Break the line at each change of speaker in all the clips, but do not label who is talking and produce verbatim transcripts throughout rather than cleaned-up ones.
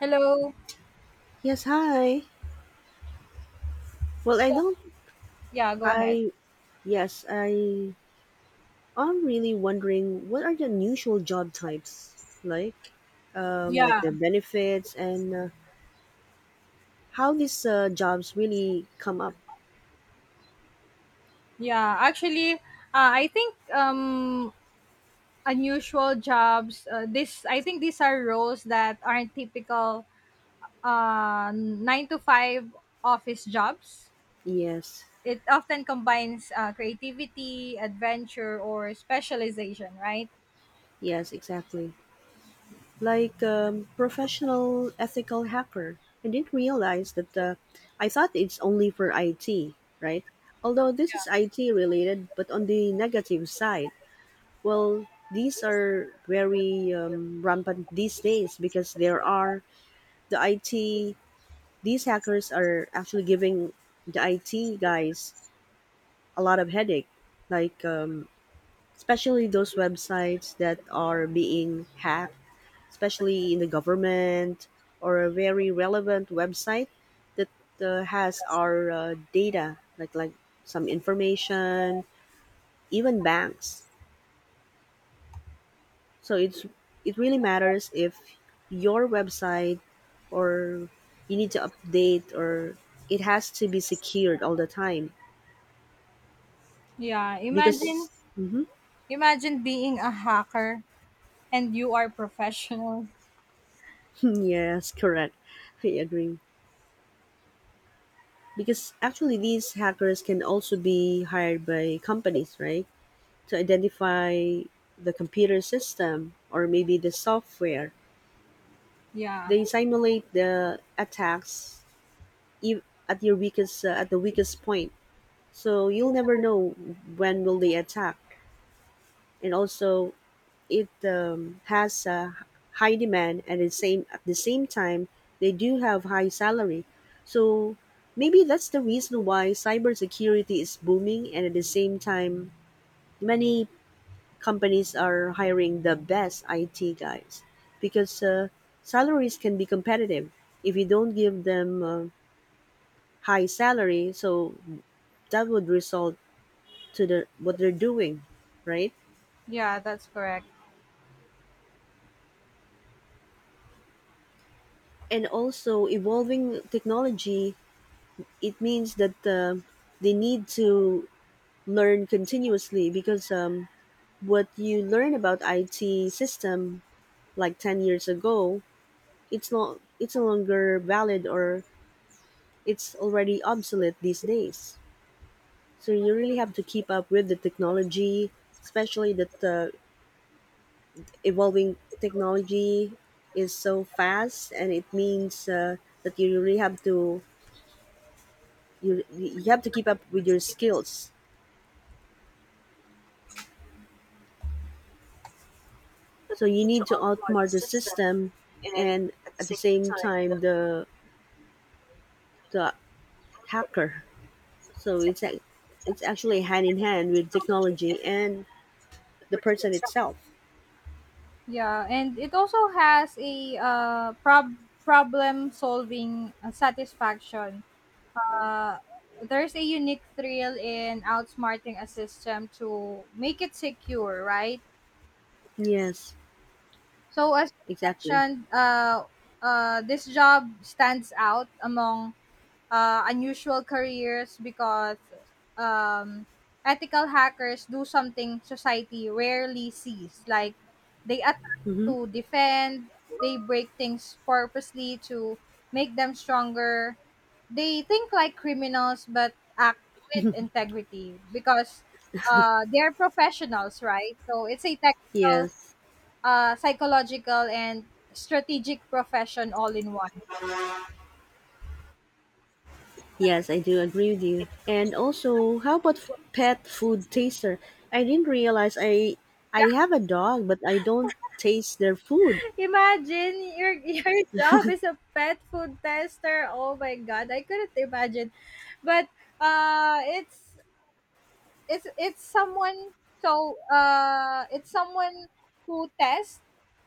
Hello.
Yes, hi. Well, I
So,
don't.
yeah, go ahead.
I Yes, I. I'm really wondering what are the unusual job types like, um, like
Yeah,
their benefits and uh, how these uh, jobs really come up.
yeah. Actually, uh, I think um, unusual jobs. Uh, this I think these are roles that aren't typical uh, nine to five office jobs.
Yes,
It often combines uh, creativity, adventure, or specialization, right?
yes, exactly. Like um, professional ethical hacker. I didn't realize that. Uh, I thought it's only for I T, right? Although this
Yeah.
is I T related, but on the negative side. Well, these are very um, rampant these days because there are the I T. These hackers are actually giving the I T guys a lot of headache, like um, especially those websites that are being hacked, especially in the government or a very relevant website that uh, has our uh, data, like like some information, even banks. So it's it really matters if your website or you need to update or it has to be secured all the time
Yeah. Imagine,
because. Mhm.
imagine being a hacker and you are professional.
Yes, correct. I agree. Because actually these hackers can also be hired by companies, right? To identify the computer system or maybe the software.
Yeah.
They simulate the attacks ev- at your weakest uh, at the weakest point. So you'll never know when will they attack. And also, it um, has a high demand, and the same at the same time, they do have high salary. So maybe that's the reason why cybersecurity is booming, and at the same time, many companies are hiring the best I T guys because uh, salaries can be competitive if you don't give them uh, high salary. So that would result to the what they're doing, right?
Yeah, that's correct.
And also evolving technology, it means that um they need to learn continuously, because um, what you learn about I T system like ten years ago, it's not it's no longer valid, or it's already obsolete these days. So you really have to keep up with the technology, especially that the evolving technology is so fast, and it means uh, that you really have to you you have to keep up with your skills. So you need to outsmart the system, and at the same time, the the hacker. So it's ac- it's actually hand in hand with technology and the person itself.
Yeah, and it also has a uh, prob- problem solving uh, satisfaction. Uh, there's a unique thrill in outsmarting a system to make it secure, right?
Yes,
So, as you
exactly.
mentioned, uh, uh, this job stands out among uh, unusual careers because um, ethical hackers do something society rarely sees. Like they attack
Mm-hmm.
to defend, they break things purposely to make them stronger. They think like criminals but act with integrity because uh, they're professionals, right? So it's a technical,
Yes.
uh, psychological, and strategic profession all in one.
Yes, I do agree with you. And also, how about f- pet food taster? I didn't realize. I i have a dog but I don't taste their food.
Imagine your your job is a pet food tester. Oh my god, I couldn't imagine. But uh it's it's it's someone so uh it's someone who tests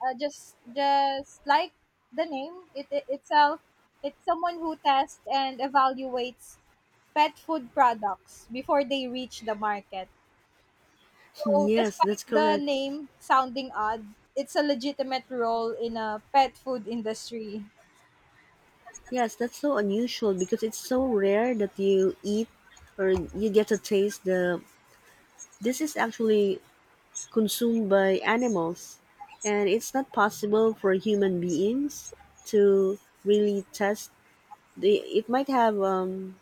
uh, just just like the name it, it itself it's someone who tests and evaluates pet food products before they reach the market. So
Yes,
despite
that's
the
correct.
name sounding odd, it's a legitimate role in a pet food industry.
Yes, that's so unusual because it's so rare that you eat, or you get to taste the, this is actually consumed by animals, and it's not possible for human beings to really test the, it might have um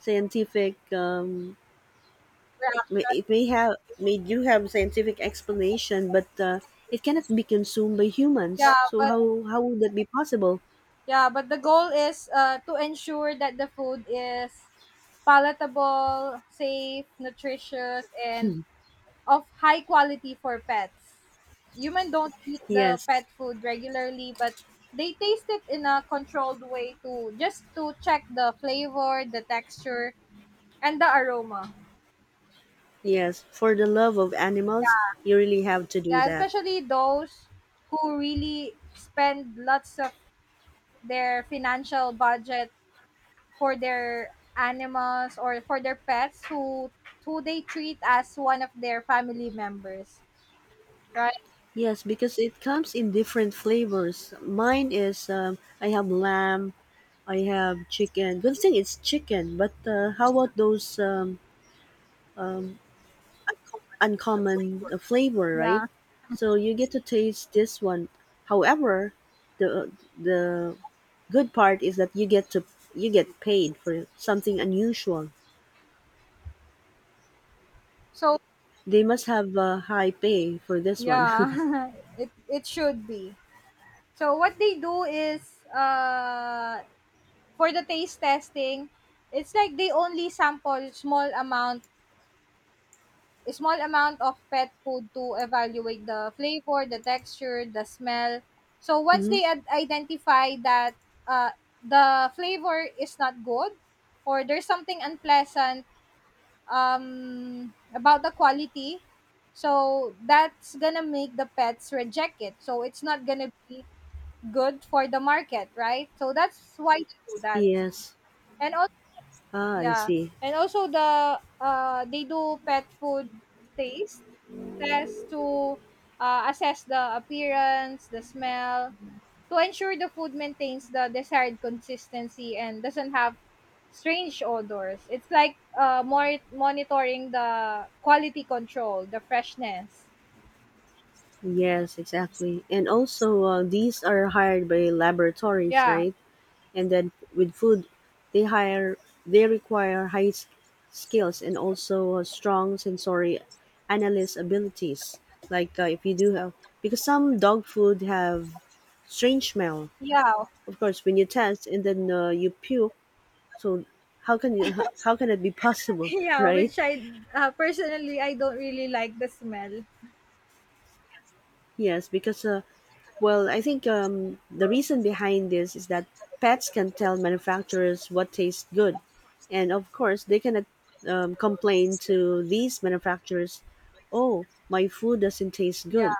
scientific, um
Yeah,
may- it may have may do have scientific explanation, but uh, it cannot be consumed by humans,
yeah,
so how
but
how would that be possible?
yeah, but the goal is uh, to ensure that the food is palatable, safe, nutritious, and of high quality for pets. Humans don't eat the
Yes.
pet food regularly, but they taste it in a controlled way to just to check the flavor, the texture, and the aroma.
Yes, for the love of animals, you really have to do
Yeah,
that.
especially those who really spend lots of their financial budget for their animals or for their pets who who they treat as one of their family members, right?
Yes, because it comes in different flavors. Mine is um, I have lamb, I have chicken. Good thing it's chicken, but uh, how about those um, uncommon uh, flavor, right?
yeah
So you get to taste this one. However, the the good part is that you get to you get paid for something unusual.
so
They must have a high pay for this one.
yeah it it should be. So what they do is uh for the taste testing it's like they only sample small amount a small amount of pet food to evaluate the flavor, the texture, the smell. So once
Mhm.
they ad- identify that uh, the flavor is not good or there's something unpleasant um, about the quality, so that's gonna make the pets reject it. So it's not gonna be good for the market, right? So that's why they do that.
Yes.
And
Ah, I
yeah,
see.
and also the uh, they do pet food taste test to uh, assess the appearance, the smell, to ensure the food maintains the desired consistency and doesn't have strange odors. It's like uh, more monitoring the quality control, the freshness.
Yes, exactly. And also, uh, these are hired by laboratories,
Yeah,
right? And then with food, they hire they require high s- skills and also uh, strong sensory analyst abilities. Like uh, if you do have, because some dog food have strange smell.
yeah,
Of course, when you test and then uh, you puke, so how can you how, how can it be possible,
yeah.
right?
Which I uh, Personally I don't really like the smell.
Yes, because uh, well, I think um, the reason behind this is that pets can tell manufacturers what tastes good, and of course they can um, complain to these manufacturers, "Oh, my food doesn't taste
Yeah.
good."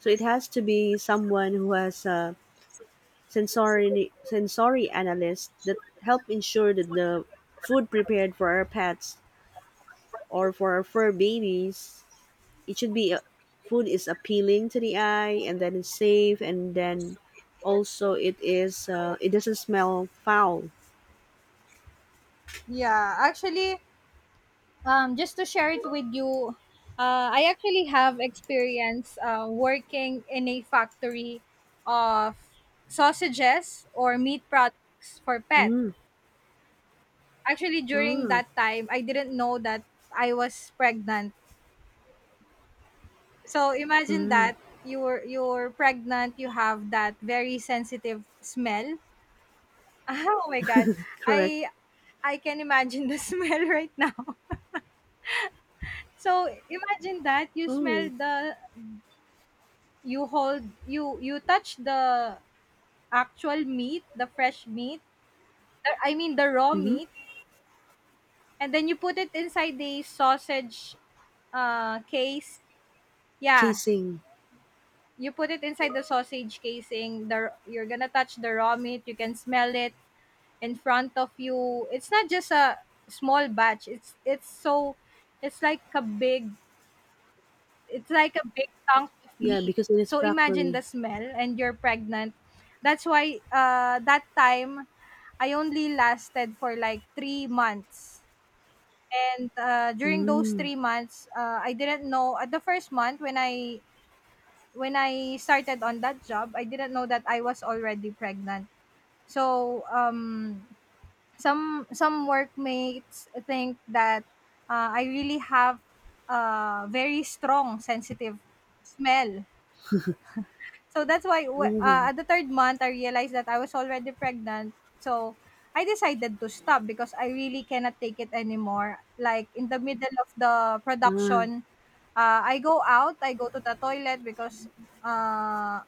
So it has to be someone who has a sensory sensory analyst that help ensure that the food prepared for our pets or for our fur babies, it should be, uh, food is appealing to the eye, and then it's safe, and then also it is uh, it doesn't smell foul.
Yeah, actually, um, just to share it with you, uh, I actually have experience uh, working in a factory of sausages or meat products for pet.
Mm,
Actually, during
wow,
that time, I didn't know that I was pregnant. So imagine that you're you're pregnant, you have that very sensitive smell. Oh my god,
correct.
I I can imagine the smell right now. So imagine that you smell
Oh.
the. You hold you you touch the actual meat, the fresh meat, the I mean the raw
Mm-hmm.
meat, and then you put it inside the sausage, uh, case. Yeah,
Casing.
you put it inside the sausage casing, the you're gonna touch the raw meat, you can smell it in front of you. It's not just a small batch, it's it's so it's like a big. It's like a big chunk of
Yeah,
meat.
because it is
So imagine the
factory.
smell and you're pregnant. That's why uh that time I only lasted for like three months. And uh, during those
Mm.
three months, uh, I didn't know at the first month when I when I started on that job, I didn't know that I was already pregnant. So um, some some workmates think that uh, I really have a very strong sensitive smell. So that's why wh- uh,
Mm.
at the third month, I realized that I was already pregnant. So I decided to stop because I really cannot take it anymore. Like in the middle of the
Ah.
production, uh, I go out, I go to the toilet because uh,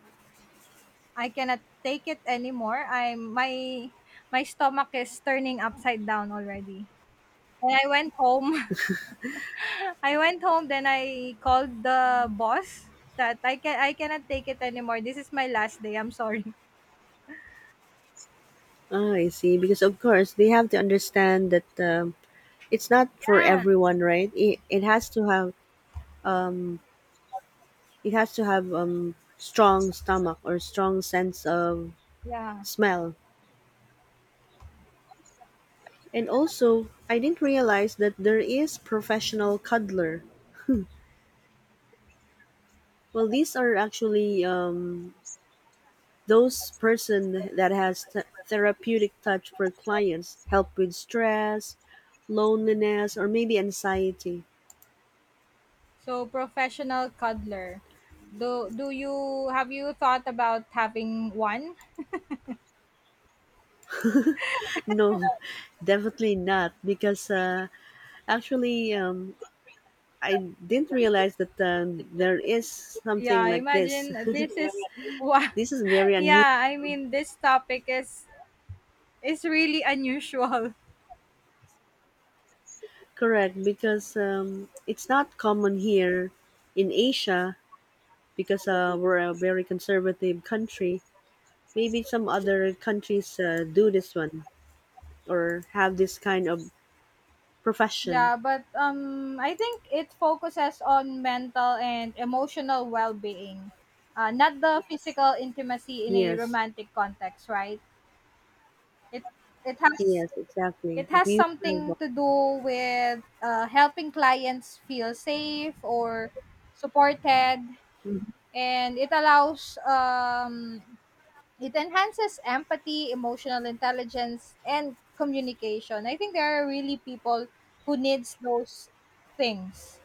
I cannot take it anymore. I'm my my stomach is turning upside down already. And I went home. I went home. Then I called the boss that I can I cannot take it anymore. This is my last day. I'm sorry.
Ah, I see. Because of course they have to understand that um, it's not for
Yeah.
everyone, right? It, it has to have, it has to have um strong stomach or strong sense of
Yeah.
smell. And also, I didn't realize that there is professional cuddler. Well, these are actually um, those person that has th- therapeutic touch for clients, help with stress, loneliness, or maybe anxiety.
So professional cuddler. Do do you have you thought about having one?
No, definitely not, because uh, actually, um, I didn't realize that um, there is
Yeah,
something like this.
imagine this is what.
This is very unusual.
Yeah, I mean this topic is is really unusual.
Correct, because um, it's not common here in Asia, because uh, we're a very conservative country. Maybe some other countries uh, do this one or have this kind of profession.
Yeah, but um I think it focuses on mental and emotional well-being. Uh, not the physical intimacy in a
Yes,
romantic context, right? It it has
yes, exactly.
It
If
has
you have,
something
uh,
to do with uh, helping clients feel safe or supported, and it allows um, it enhances empathy, emotional intelligence, and communication. I think there are really people who needs those things.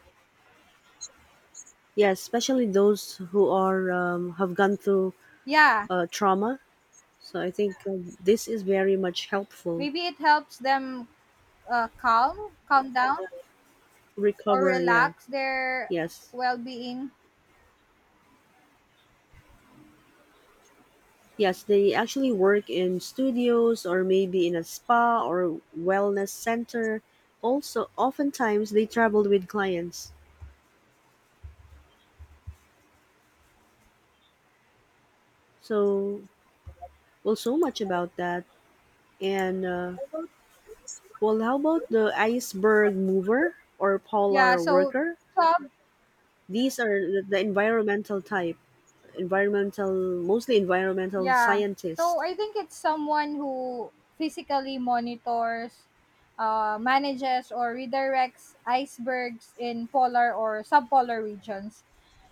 yes, especially those who are, um, have gone through
Yeah,
uh, trauma. So I think um, this is very much helpful.
maybe it helps them uh, calm, calm down, or
Recover, yeah.
relax their
Yes,
well-being.
yes. They actually work in studios or maybe in a spa or wellness center. Also, oftentimes they traveled with clients. So, well, so much about that. And, uh, well, how about the iceberg mover or
Yeah,
polar
so
worker?
some
These are the the environmental type, environmental, mostly environmental
Yeah. So
scientists.
I think it's someone who physically monitors, uh, manages or redirects icebergs in polar or subpolar regions.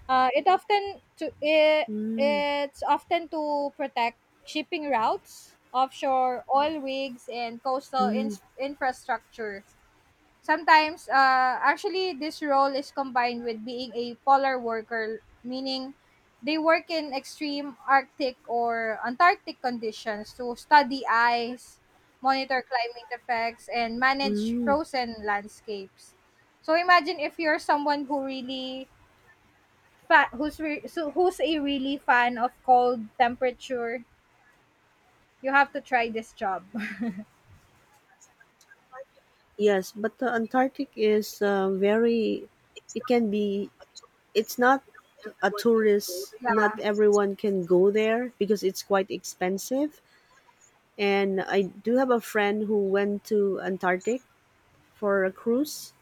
Uh, it often to it,
Mm.
it's often to protect shipping routes, offshore oil rigs, and coastal in-
Mm.
infrastructure. Sometimes, uh, actually, this role is combined with being a polar worker, meaning they work in extreme Arctic or Antarctic conditions to study ice, monitor climate effects, and manage
Mm.
frozen landscapes. So imagine if you're someone who really fa- who's re- so who's a really fan of cold temperature, you have to try this job.
Yes, but the Antarctic is, uh, very, it can be, it's not a tourist, not
yeah.
everyone can go there because it's quite expensive. And I do have a friend who went to Antarctic for a cruise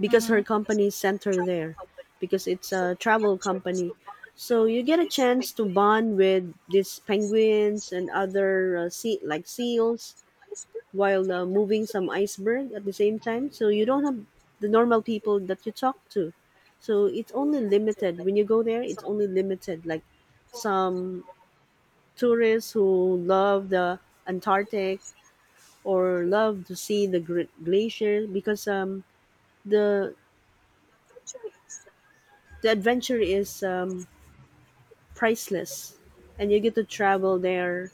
because her
Mhm.
company sent her there, because it's a travel company. So you get a chance to bond with these penguins and other uh, sea like seals, while uh, moving some iceberg at the same time. So you don't have the normal people that you talk to. So it's only limited when you go there. It's only limited, like some tourists who love the Antarctic, or love to see the gr- glacier, because um the the adventure is, um, priceless, and you get to travel there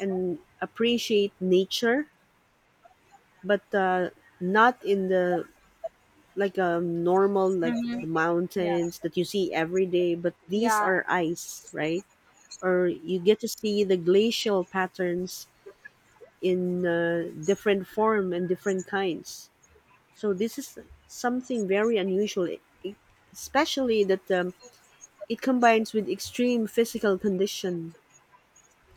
and appreciate nature. But uh, not in the, like a normal, like the
Mhm. Yeah.
mountains that you see every day, but these
Yeah,
are ice, right? Or you get to see the glacial patterns in uh, different form and different kinds. So this is something very unusual, e- especially that um, it combines with extreme physical condition.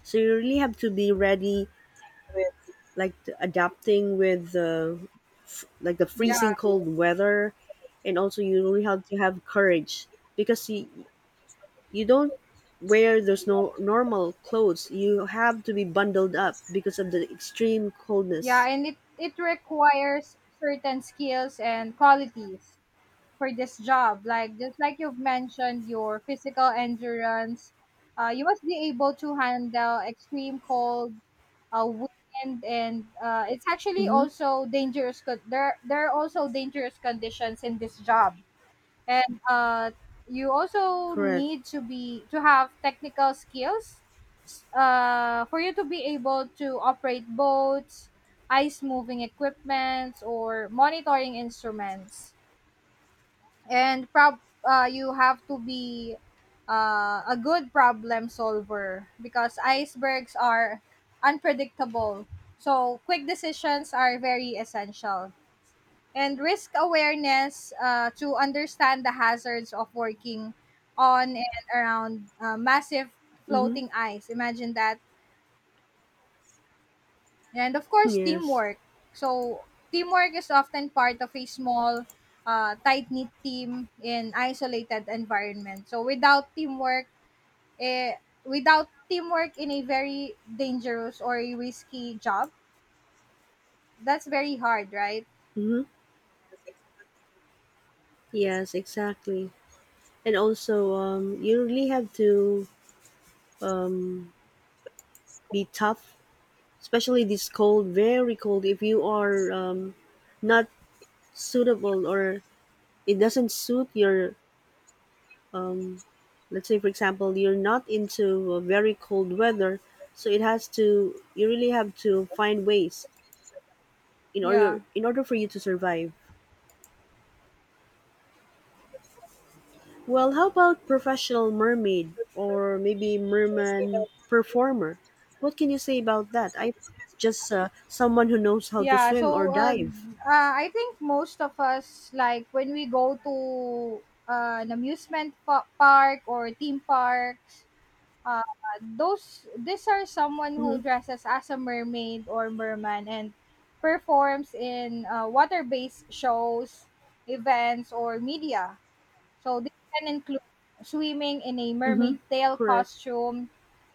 So you really have to be ready, like to adapting with the, f- like the
yeah,
freezing cold weather, and also you really have to have courage, because you you don't wear those no normal clothes. You have to be bundled up because of the extreme
yeah,
coldness.
and it it requires certain skills and qualities for this job. Like just like you've mentioned, your physical endurance, uh, you must be able to handle extreme cold, uh, wind, and uh, it's actually
Mm-hmm.
also dangerous. Co- there there are also dangerous conditions in this job. And uh, you also
Correct.
need to be to have technical skills s- uh, for you to be able to operate boats, ice moving equipments or monitoring instruments, and prob- uh, you have to be uh, a good problem solver because icebergs are unpredictable, so quick decisions are very essential, and risk awareness uh, to understand the hazards of working on and around uh, massive
Mm-hmm.
floating ice. Imagine that. And of course,
Yes.
teamwork. So, teamwork is often part of a small, uh, tight knit team in isolated environment. So, without teamwork, eh, without teamwork in a very dangerous or a risky job, that's very hard, right?
Mm-hmm. Yes, exactly. And also, um, you really have to, um, be tough, especially this cold, very cold. If you are um, not suitable, or it doesn't suit your, let's say for example, you're not into uh, very cold weather, so it has to. You really have to find ways in
Yeah.
order in order for you to survive. Well, how about professional mermaid or maybe merman performer? What can you say about that? I thought it's just uh, someone who knows how to
Yeah,
swim or
so uh,
dive.
uh, I think most of us, like when we go to uh, an amusement pa- park or theme parks, uh, those these are someone who
Mm-hmm.
dresses as a mermaid or merman and performs in uh, water-based shows, events, or media. So this can include swimming in a
Mm-hmm.
mermaid tail
Correct.
costume,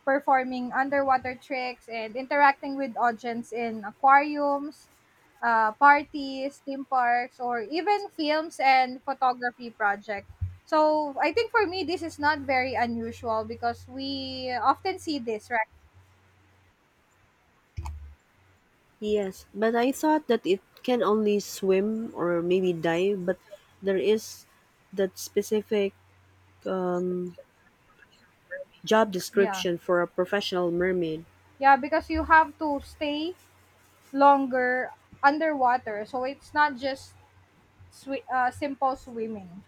performing underwater tricks, and interacting with audience in aquariums, uh, parties, theme parks, or even films and photography project. So I think for me this is not very unusual because we often see this, right?
Yes, but I thought that it can only swim or maybe dive, but there is that specific job
Yeah.
description for a professional mermaid.
Yeah, because you have to stay longer underwater. So it's not just swi- uh, simple swimming.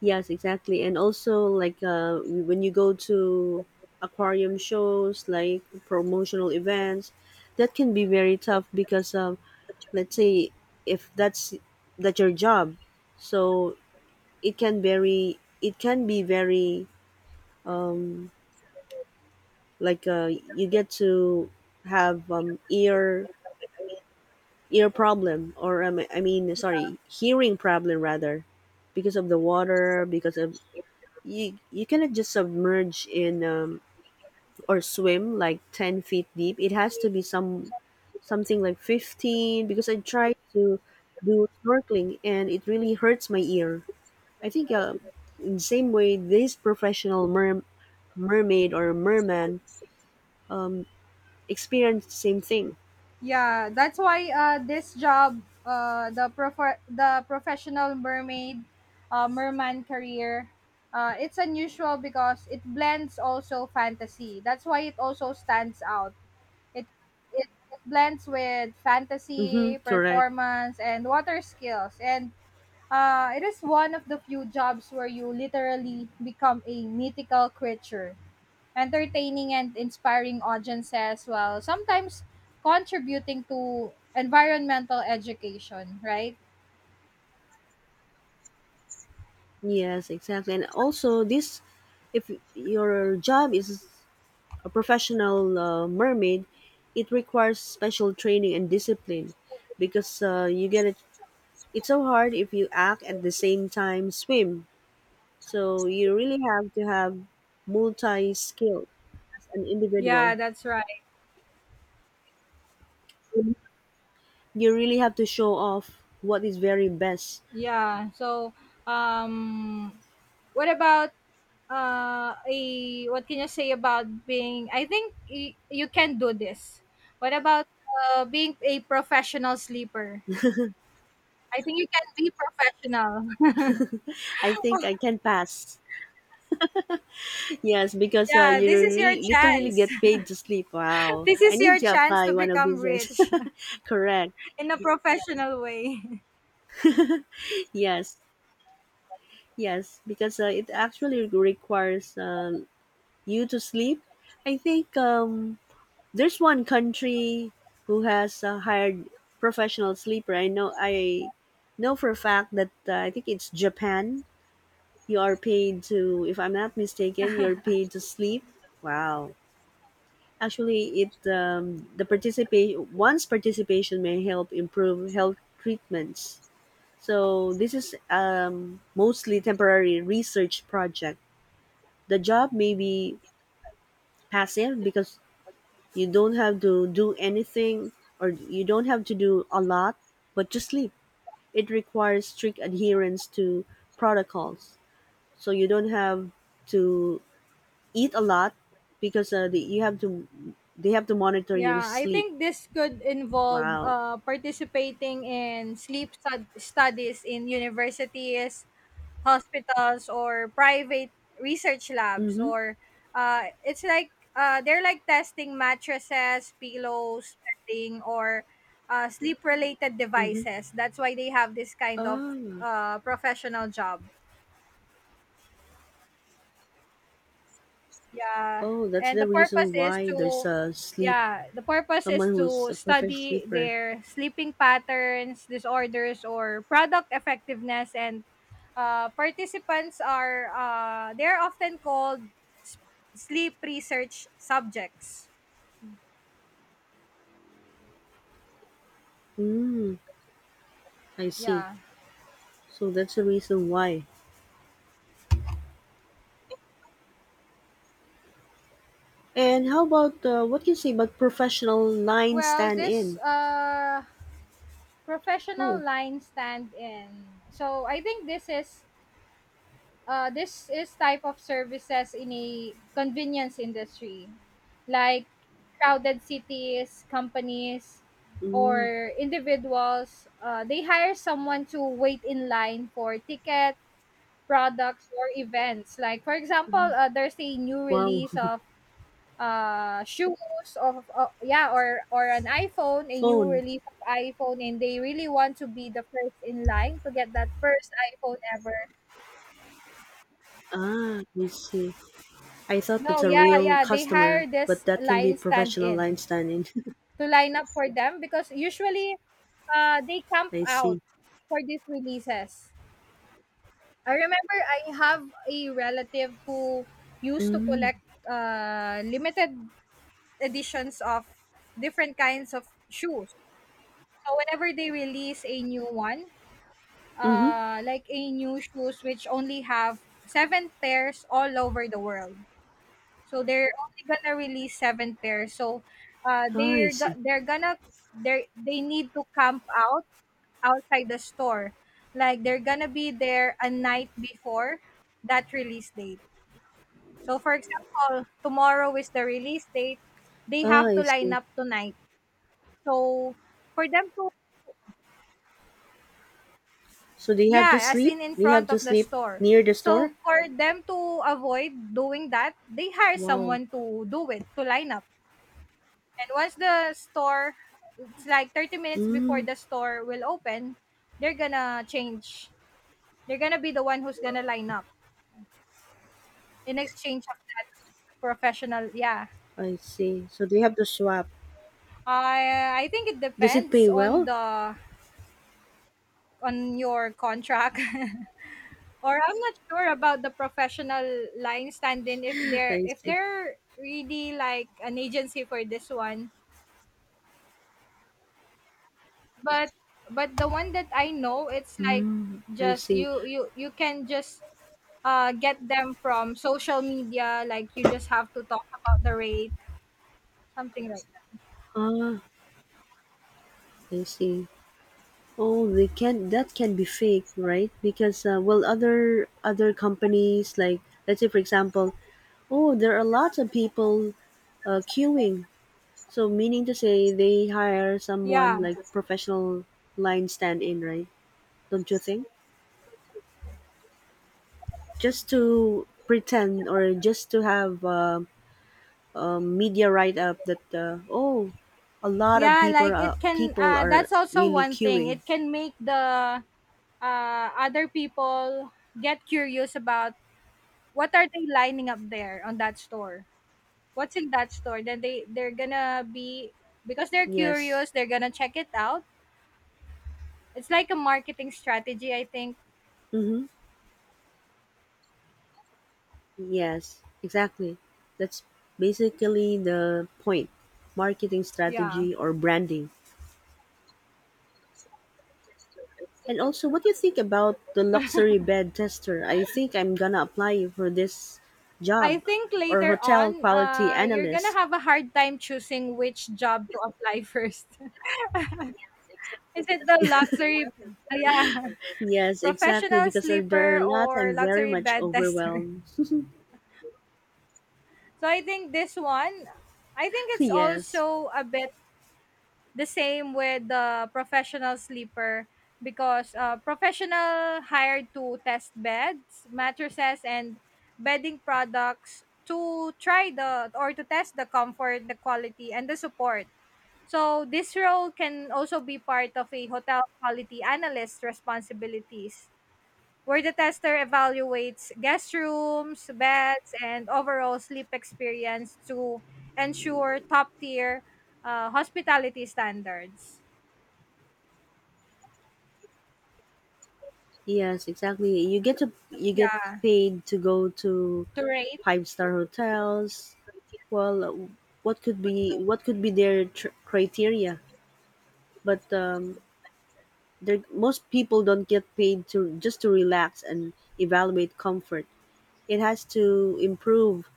Yes, exactly. And also, like uh, when you go to aquarium shows, like promotional events, that can be very tough, because um, let's say if that's that's your job, so it can very it can be very, like uh, you get to have um, ear ear problem, or um, I mean, sorry, hearing problem rather, because of the water, because of you you cannot just submerge in, um, or swim like ten feet deep. It has to be some something like fifteen, because I tried to do snorkeling and it really hurts my ear. I think uh in the same way this professional mer- mermaid or merman experienced the same thing.
Yeah, that's why uh, this job, uh, the prof- the professional mermaid, uh, merman career, uh, it's unusual because it blends also fantasy. That's why it also stands out. It it, it blends with
Mm-hmm.
fantasy,
Correct.
performance, and water skills, and uh, it is one of the few jobs where you literally become a mythical creature entertaining and inspiring audiences while sometimes contributing to environmental education, right?
Yes, exactly. And also, this, if your job is a professional uh, mermaid, it requires special training and discipline, because uh, you get it. It's so hard if you act at the same time swim. So you really have to have multi skill as an
Yeah,
individual.
that's right.
You really have to show off what is very best.
Yeah. So, um, what about uh, a, what can you say about being? I think y- you can do this. What about uh, being a professional sleeper? I think you can be professional.
I think I can pass. Yes, because uh,
yeah,
you
this is your
really, literally
chance.
get paid to sleep. Wow.
this
I
is
need
your
to
chance to
apply one of
become
these days.
rich
Correct.
in a professional way.
Yes. Yes, because uh, it actually requires um, you to sleep. I think um, there's one country who has uh, hired professional sleeper. I know I know for a fact that uh, I think it's Japan. You are paid to, if I'm not mistaken, you're paid to sleep. Wow. Actually, it um, the participate one's participation may help improve health treatments. So this is um, mostly temporary research project. The job may be passive because you don't have to do anything or you don't have to do a lot, but just sleep. It requires strict adherence to protocols. So you don't have to eat a lot because uh, the, you have to they have to monitor your
Yeah, I
sleep.
think this could involve
Wow.
uh, participating in sleep stud- studies in universities, hospitals, or private research labs.
Mm-hmm.
Or uh, it's like uh, they're like testing mattresses, pillows, bedding, or uh, sleep related
Mm-hmm.
devices. That's why they have this kind of
Ah.
uh, professional job. Yeah,
Oh, that's
and the
the
purpose
reason
is
why there's
to
a sleep,
yeah, the purpose is
someone
to
who's a perfect
study
sleeper.
their sleeping patterns, disorders or product effectiveness, and uh, participants are uh, they're often called s- sleep research subjects.
Mm, I see.
Yeah.
So that's the reason why. And how about uh, what can you say about professional line
Well,
stand
this
in?
uh, professional
Oh,
line stand in. So I think this is uh, this is type of services in a convenience industry like crowded cities, companies
mm,
or individuals uh, they hire someone to wait in line for tickets, products or events, like for example uh, there's a new
wow.
release of uh shoes of uh, yeah, or or an iPhone, a new
Phone.
release of iPhone, and they really want to be the first in line to get that first iPhone ever.
Ah, I see. I thought
No,
that's a
yeah,
real
yeah. They hire
customer, but
this
that can be
line
professional line
stand-in
stand in.
to line up for them because usually uh, they camp
I
out
see.
for these releases. I remember I have a relative who used to
Mm,
collect uh, limited editions of different kinds of shoes. So whenever they release a new one,
mm-hmm.
uh, like a new shoes which only have seven pairs all over the world. So they're only gonna release seven pairs. So uh,
Ah, I
they're
see.
go- they're gonna they they need to camp out outside the store. Like they're gonna be there a night before that release date. So for example, tomorrow is the release date. They
Ah,
have to
I
line
see.
up tonight. So for them to,
So they have to
yeah, as
sleep.
in in
They have
front
to
of the
sleep
store.
near the
So
store.
for them to avoid doing that, they hire
Wow.
someone to do it to line up. And once the store, it's like thirty minutes before
Mm,
the store will open, they're gonna change. They're gonna be the one who's gonna line up in exchange of that professional. Yeah,
I see. So they have to swap.
I I think it
Does it
depends
pay
on
well?
the on your contract. or I'm not sure about the professional line standing if they're
I
if
see.
they're really like an agency for this one. But but the one that I know, it's like
Mm, I
just
see.
you you you can just uh, get them from social media. Like you just have to talk about the rate, something like that.
Ah, I see. Oh, they can. That can be fake, right? Because uh, well, other other companies, like let's say for example, oh, there are lots of people uh, queuing. So meaning to say, they hire
Yeah.
someone like professional line stand in, right? Don't you think? Just to pretend or just to have uh, a media write up that uh, oh, a lot of
Yeah,
people
like
are
it can,
people
uh,
are
that's also
really
one thing.
queuing.
It can make the uh, other people get curious about what are they lining up there on that store. What's in that store? Then they they're gonna be because they're
Yes.
curious. They're gonna check it out. It's like a marketing strategy, I think.
Mm-hmm. Yes, exactly. That's basically the point, marketing
Yeah.
strategy or branding. And also, what do you think about the luxury bed tester? I think I'm gonna apply for this
I
job,
think
or
later
hotel
on,
quality
uh, you're gonna
analyst.
have a hard time choosing which job to apply first. Is it the luxury, yeah,
Yes, exactly.
professional
Because uh, there are a
sleeper
lot,
or
I'm very
luxury
much
bed tester?
overwhelmed.
So I think this one, I think it's
Yes.
also a bit. The same with the professional sleeper because, uh, professional hired to test beds, mattresses, and bedding products to try the or to test the comfort, the quality, and the support. So this role can also be part of a hotel quality analyst responsibilities where the tester evaluates guest rooms, beds, and overall sleep experience to ensure top tier uh, hospitality standards.
Yes, exactly. You get to you get
Yeah,
paid to go to
to rate.
five star hotels. Well, uh, what could be what could be their tr- criteria? But um, there, most people don't get paid to just to relax and evaluate comfort. It has to improve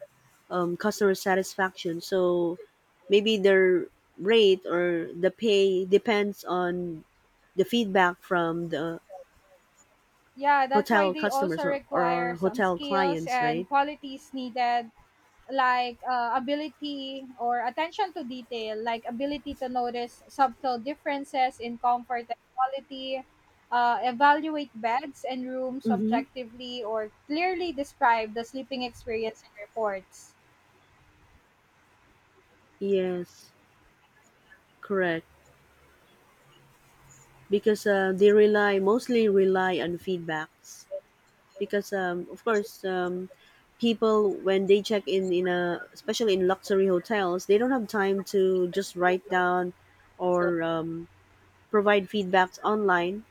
um, customer satisfaction. So maybe their rate or the pay depends on the feedback from the
Yeah, that's why
hotel
they also
customers, or,
require
or
some
hotel
skills
clients,
and
right?
qualities needed like uh, ability or attention to detail, like ability to notice subtle differences in comfort and quality, uh, evaluate beds and rooms
Mm-hmm.
objectively, or clearly describe the sleeping experience in reports.
Yes, correct. Because uh, they rely mostly rely on feedbacks. Because um, of course, um, people, when they check in in a especially in luxury hotels, they don't have time to just write down or um, provide feedbacks online.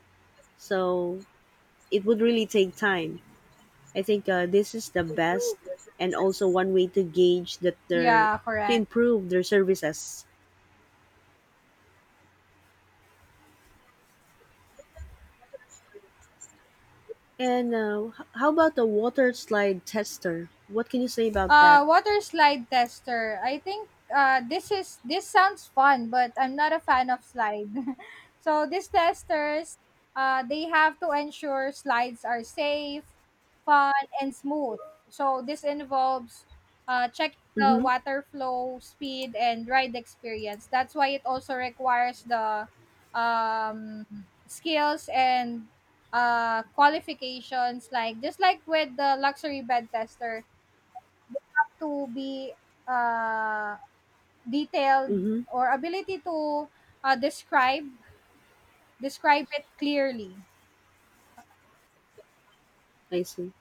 So it would really take time. I think uh, this is the best and also one way to gauge that they're
Yeah,
to
correct.
improve their services. And uh, h- how about the water slide tester? What can you say about that?
Uh, water slide tester. I think uh, this is this sounds fun, but I'm not a fan of slide. so these testers, uh, they have to ensure slides are safe, fun, and smooth. So this involves uh, checking the
Mm-hmm.
water flow, speed, and ride experience. That's why it also requires the um, skills and uh, qualifications, like just like with the luxury bed tester they have to be, uh, detailed
Mm-hmm.
or ability to, uh, describe describe it clearly.
I see.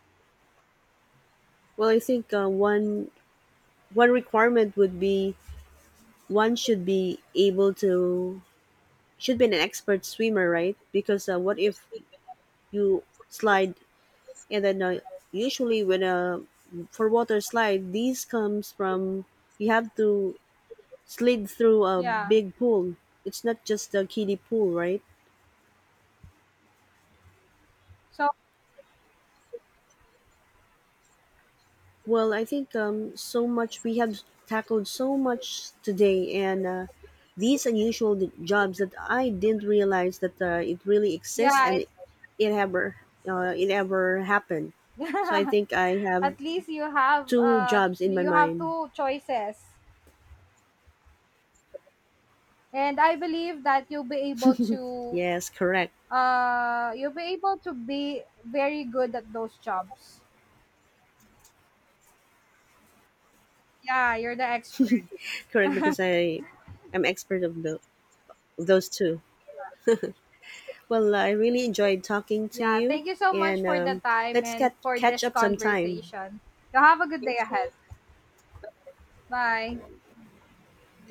Well, I think uh, one one requirement would be, one should be able to, should be an expert swimmer, right? Because uh, what if you slide and then uh, usually when uh, for water slide these comes from, you have to slid through a
Yeah.
big pool. It's not just a kiddie pool, right?
So,
Well, I think um, so much, we have tackled so much today, and uh, these unusual d- jobs that I didn't realize that uh, it really exists,
yeah,
and
it's.
it, it ever uh, it ever happened. So I think I have
At least you have,
two
uh,
jobs in my
you have
mind.
two choices. And I believe that you'll be able to,
Yes, correct.
uh, you'll be able to be very good at those jobs. Yeah, you're the expert.
Correct, because I am expert of the, those two. Well, I really enjoyed talking to
Yeah,
you,
thank you so much
and
for the
um,
time
let's
and
cat,
for
catch
this
up sometime.
conversation. You have a good day ahead. Bye.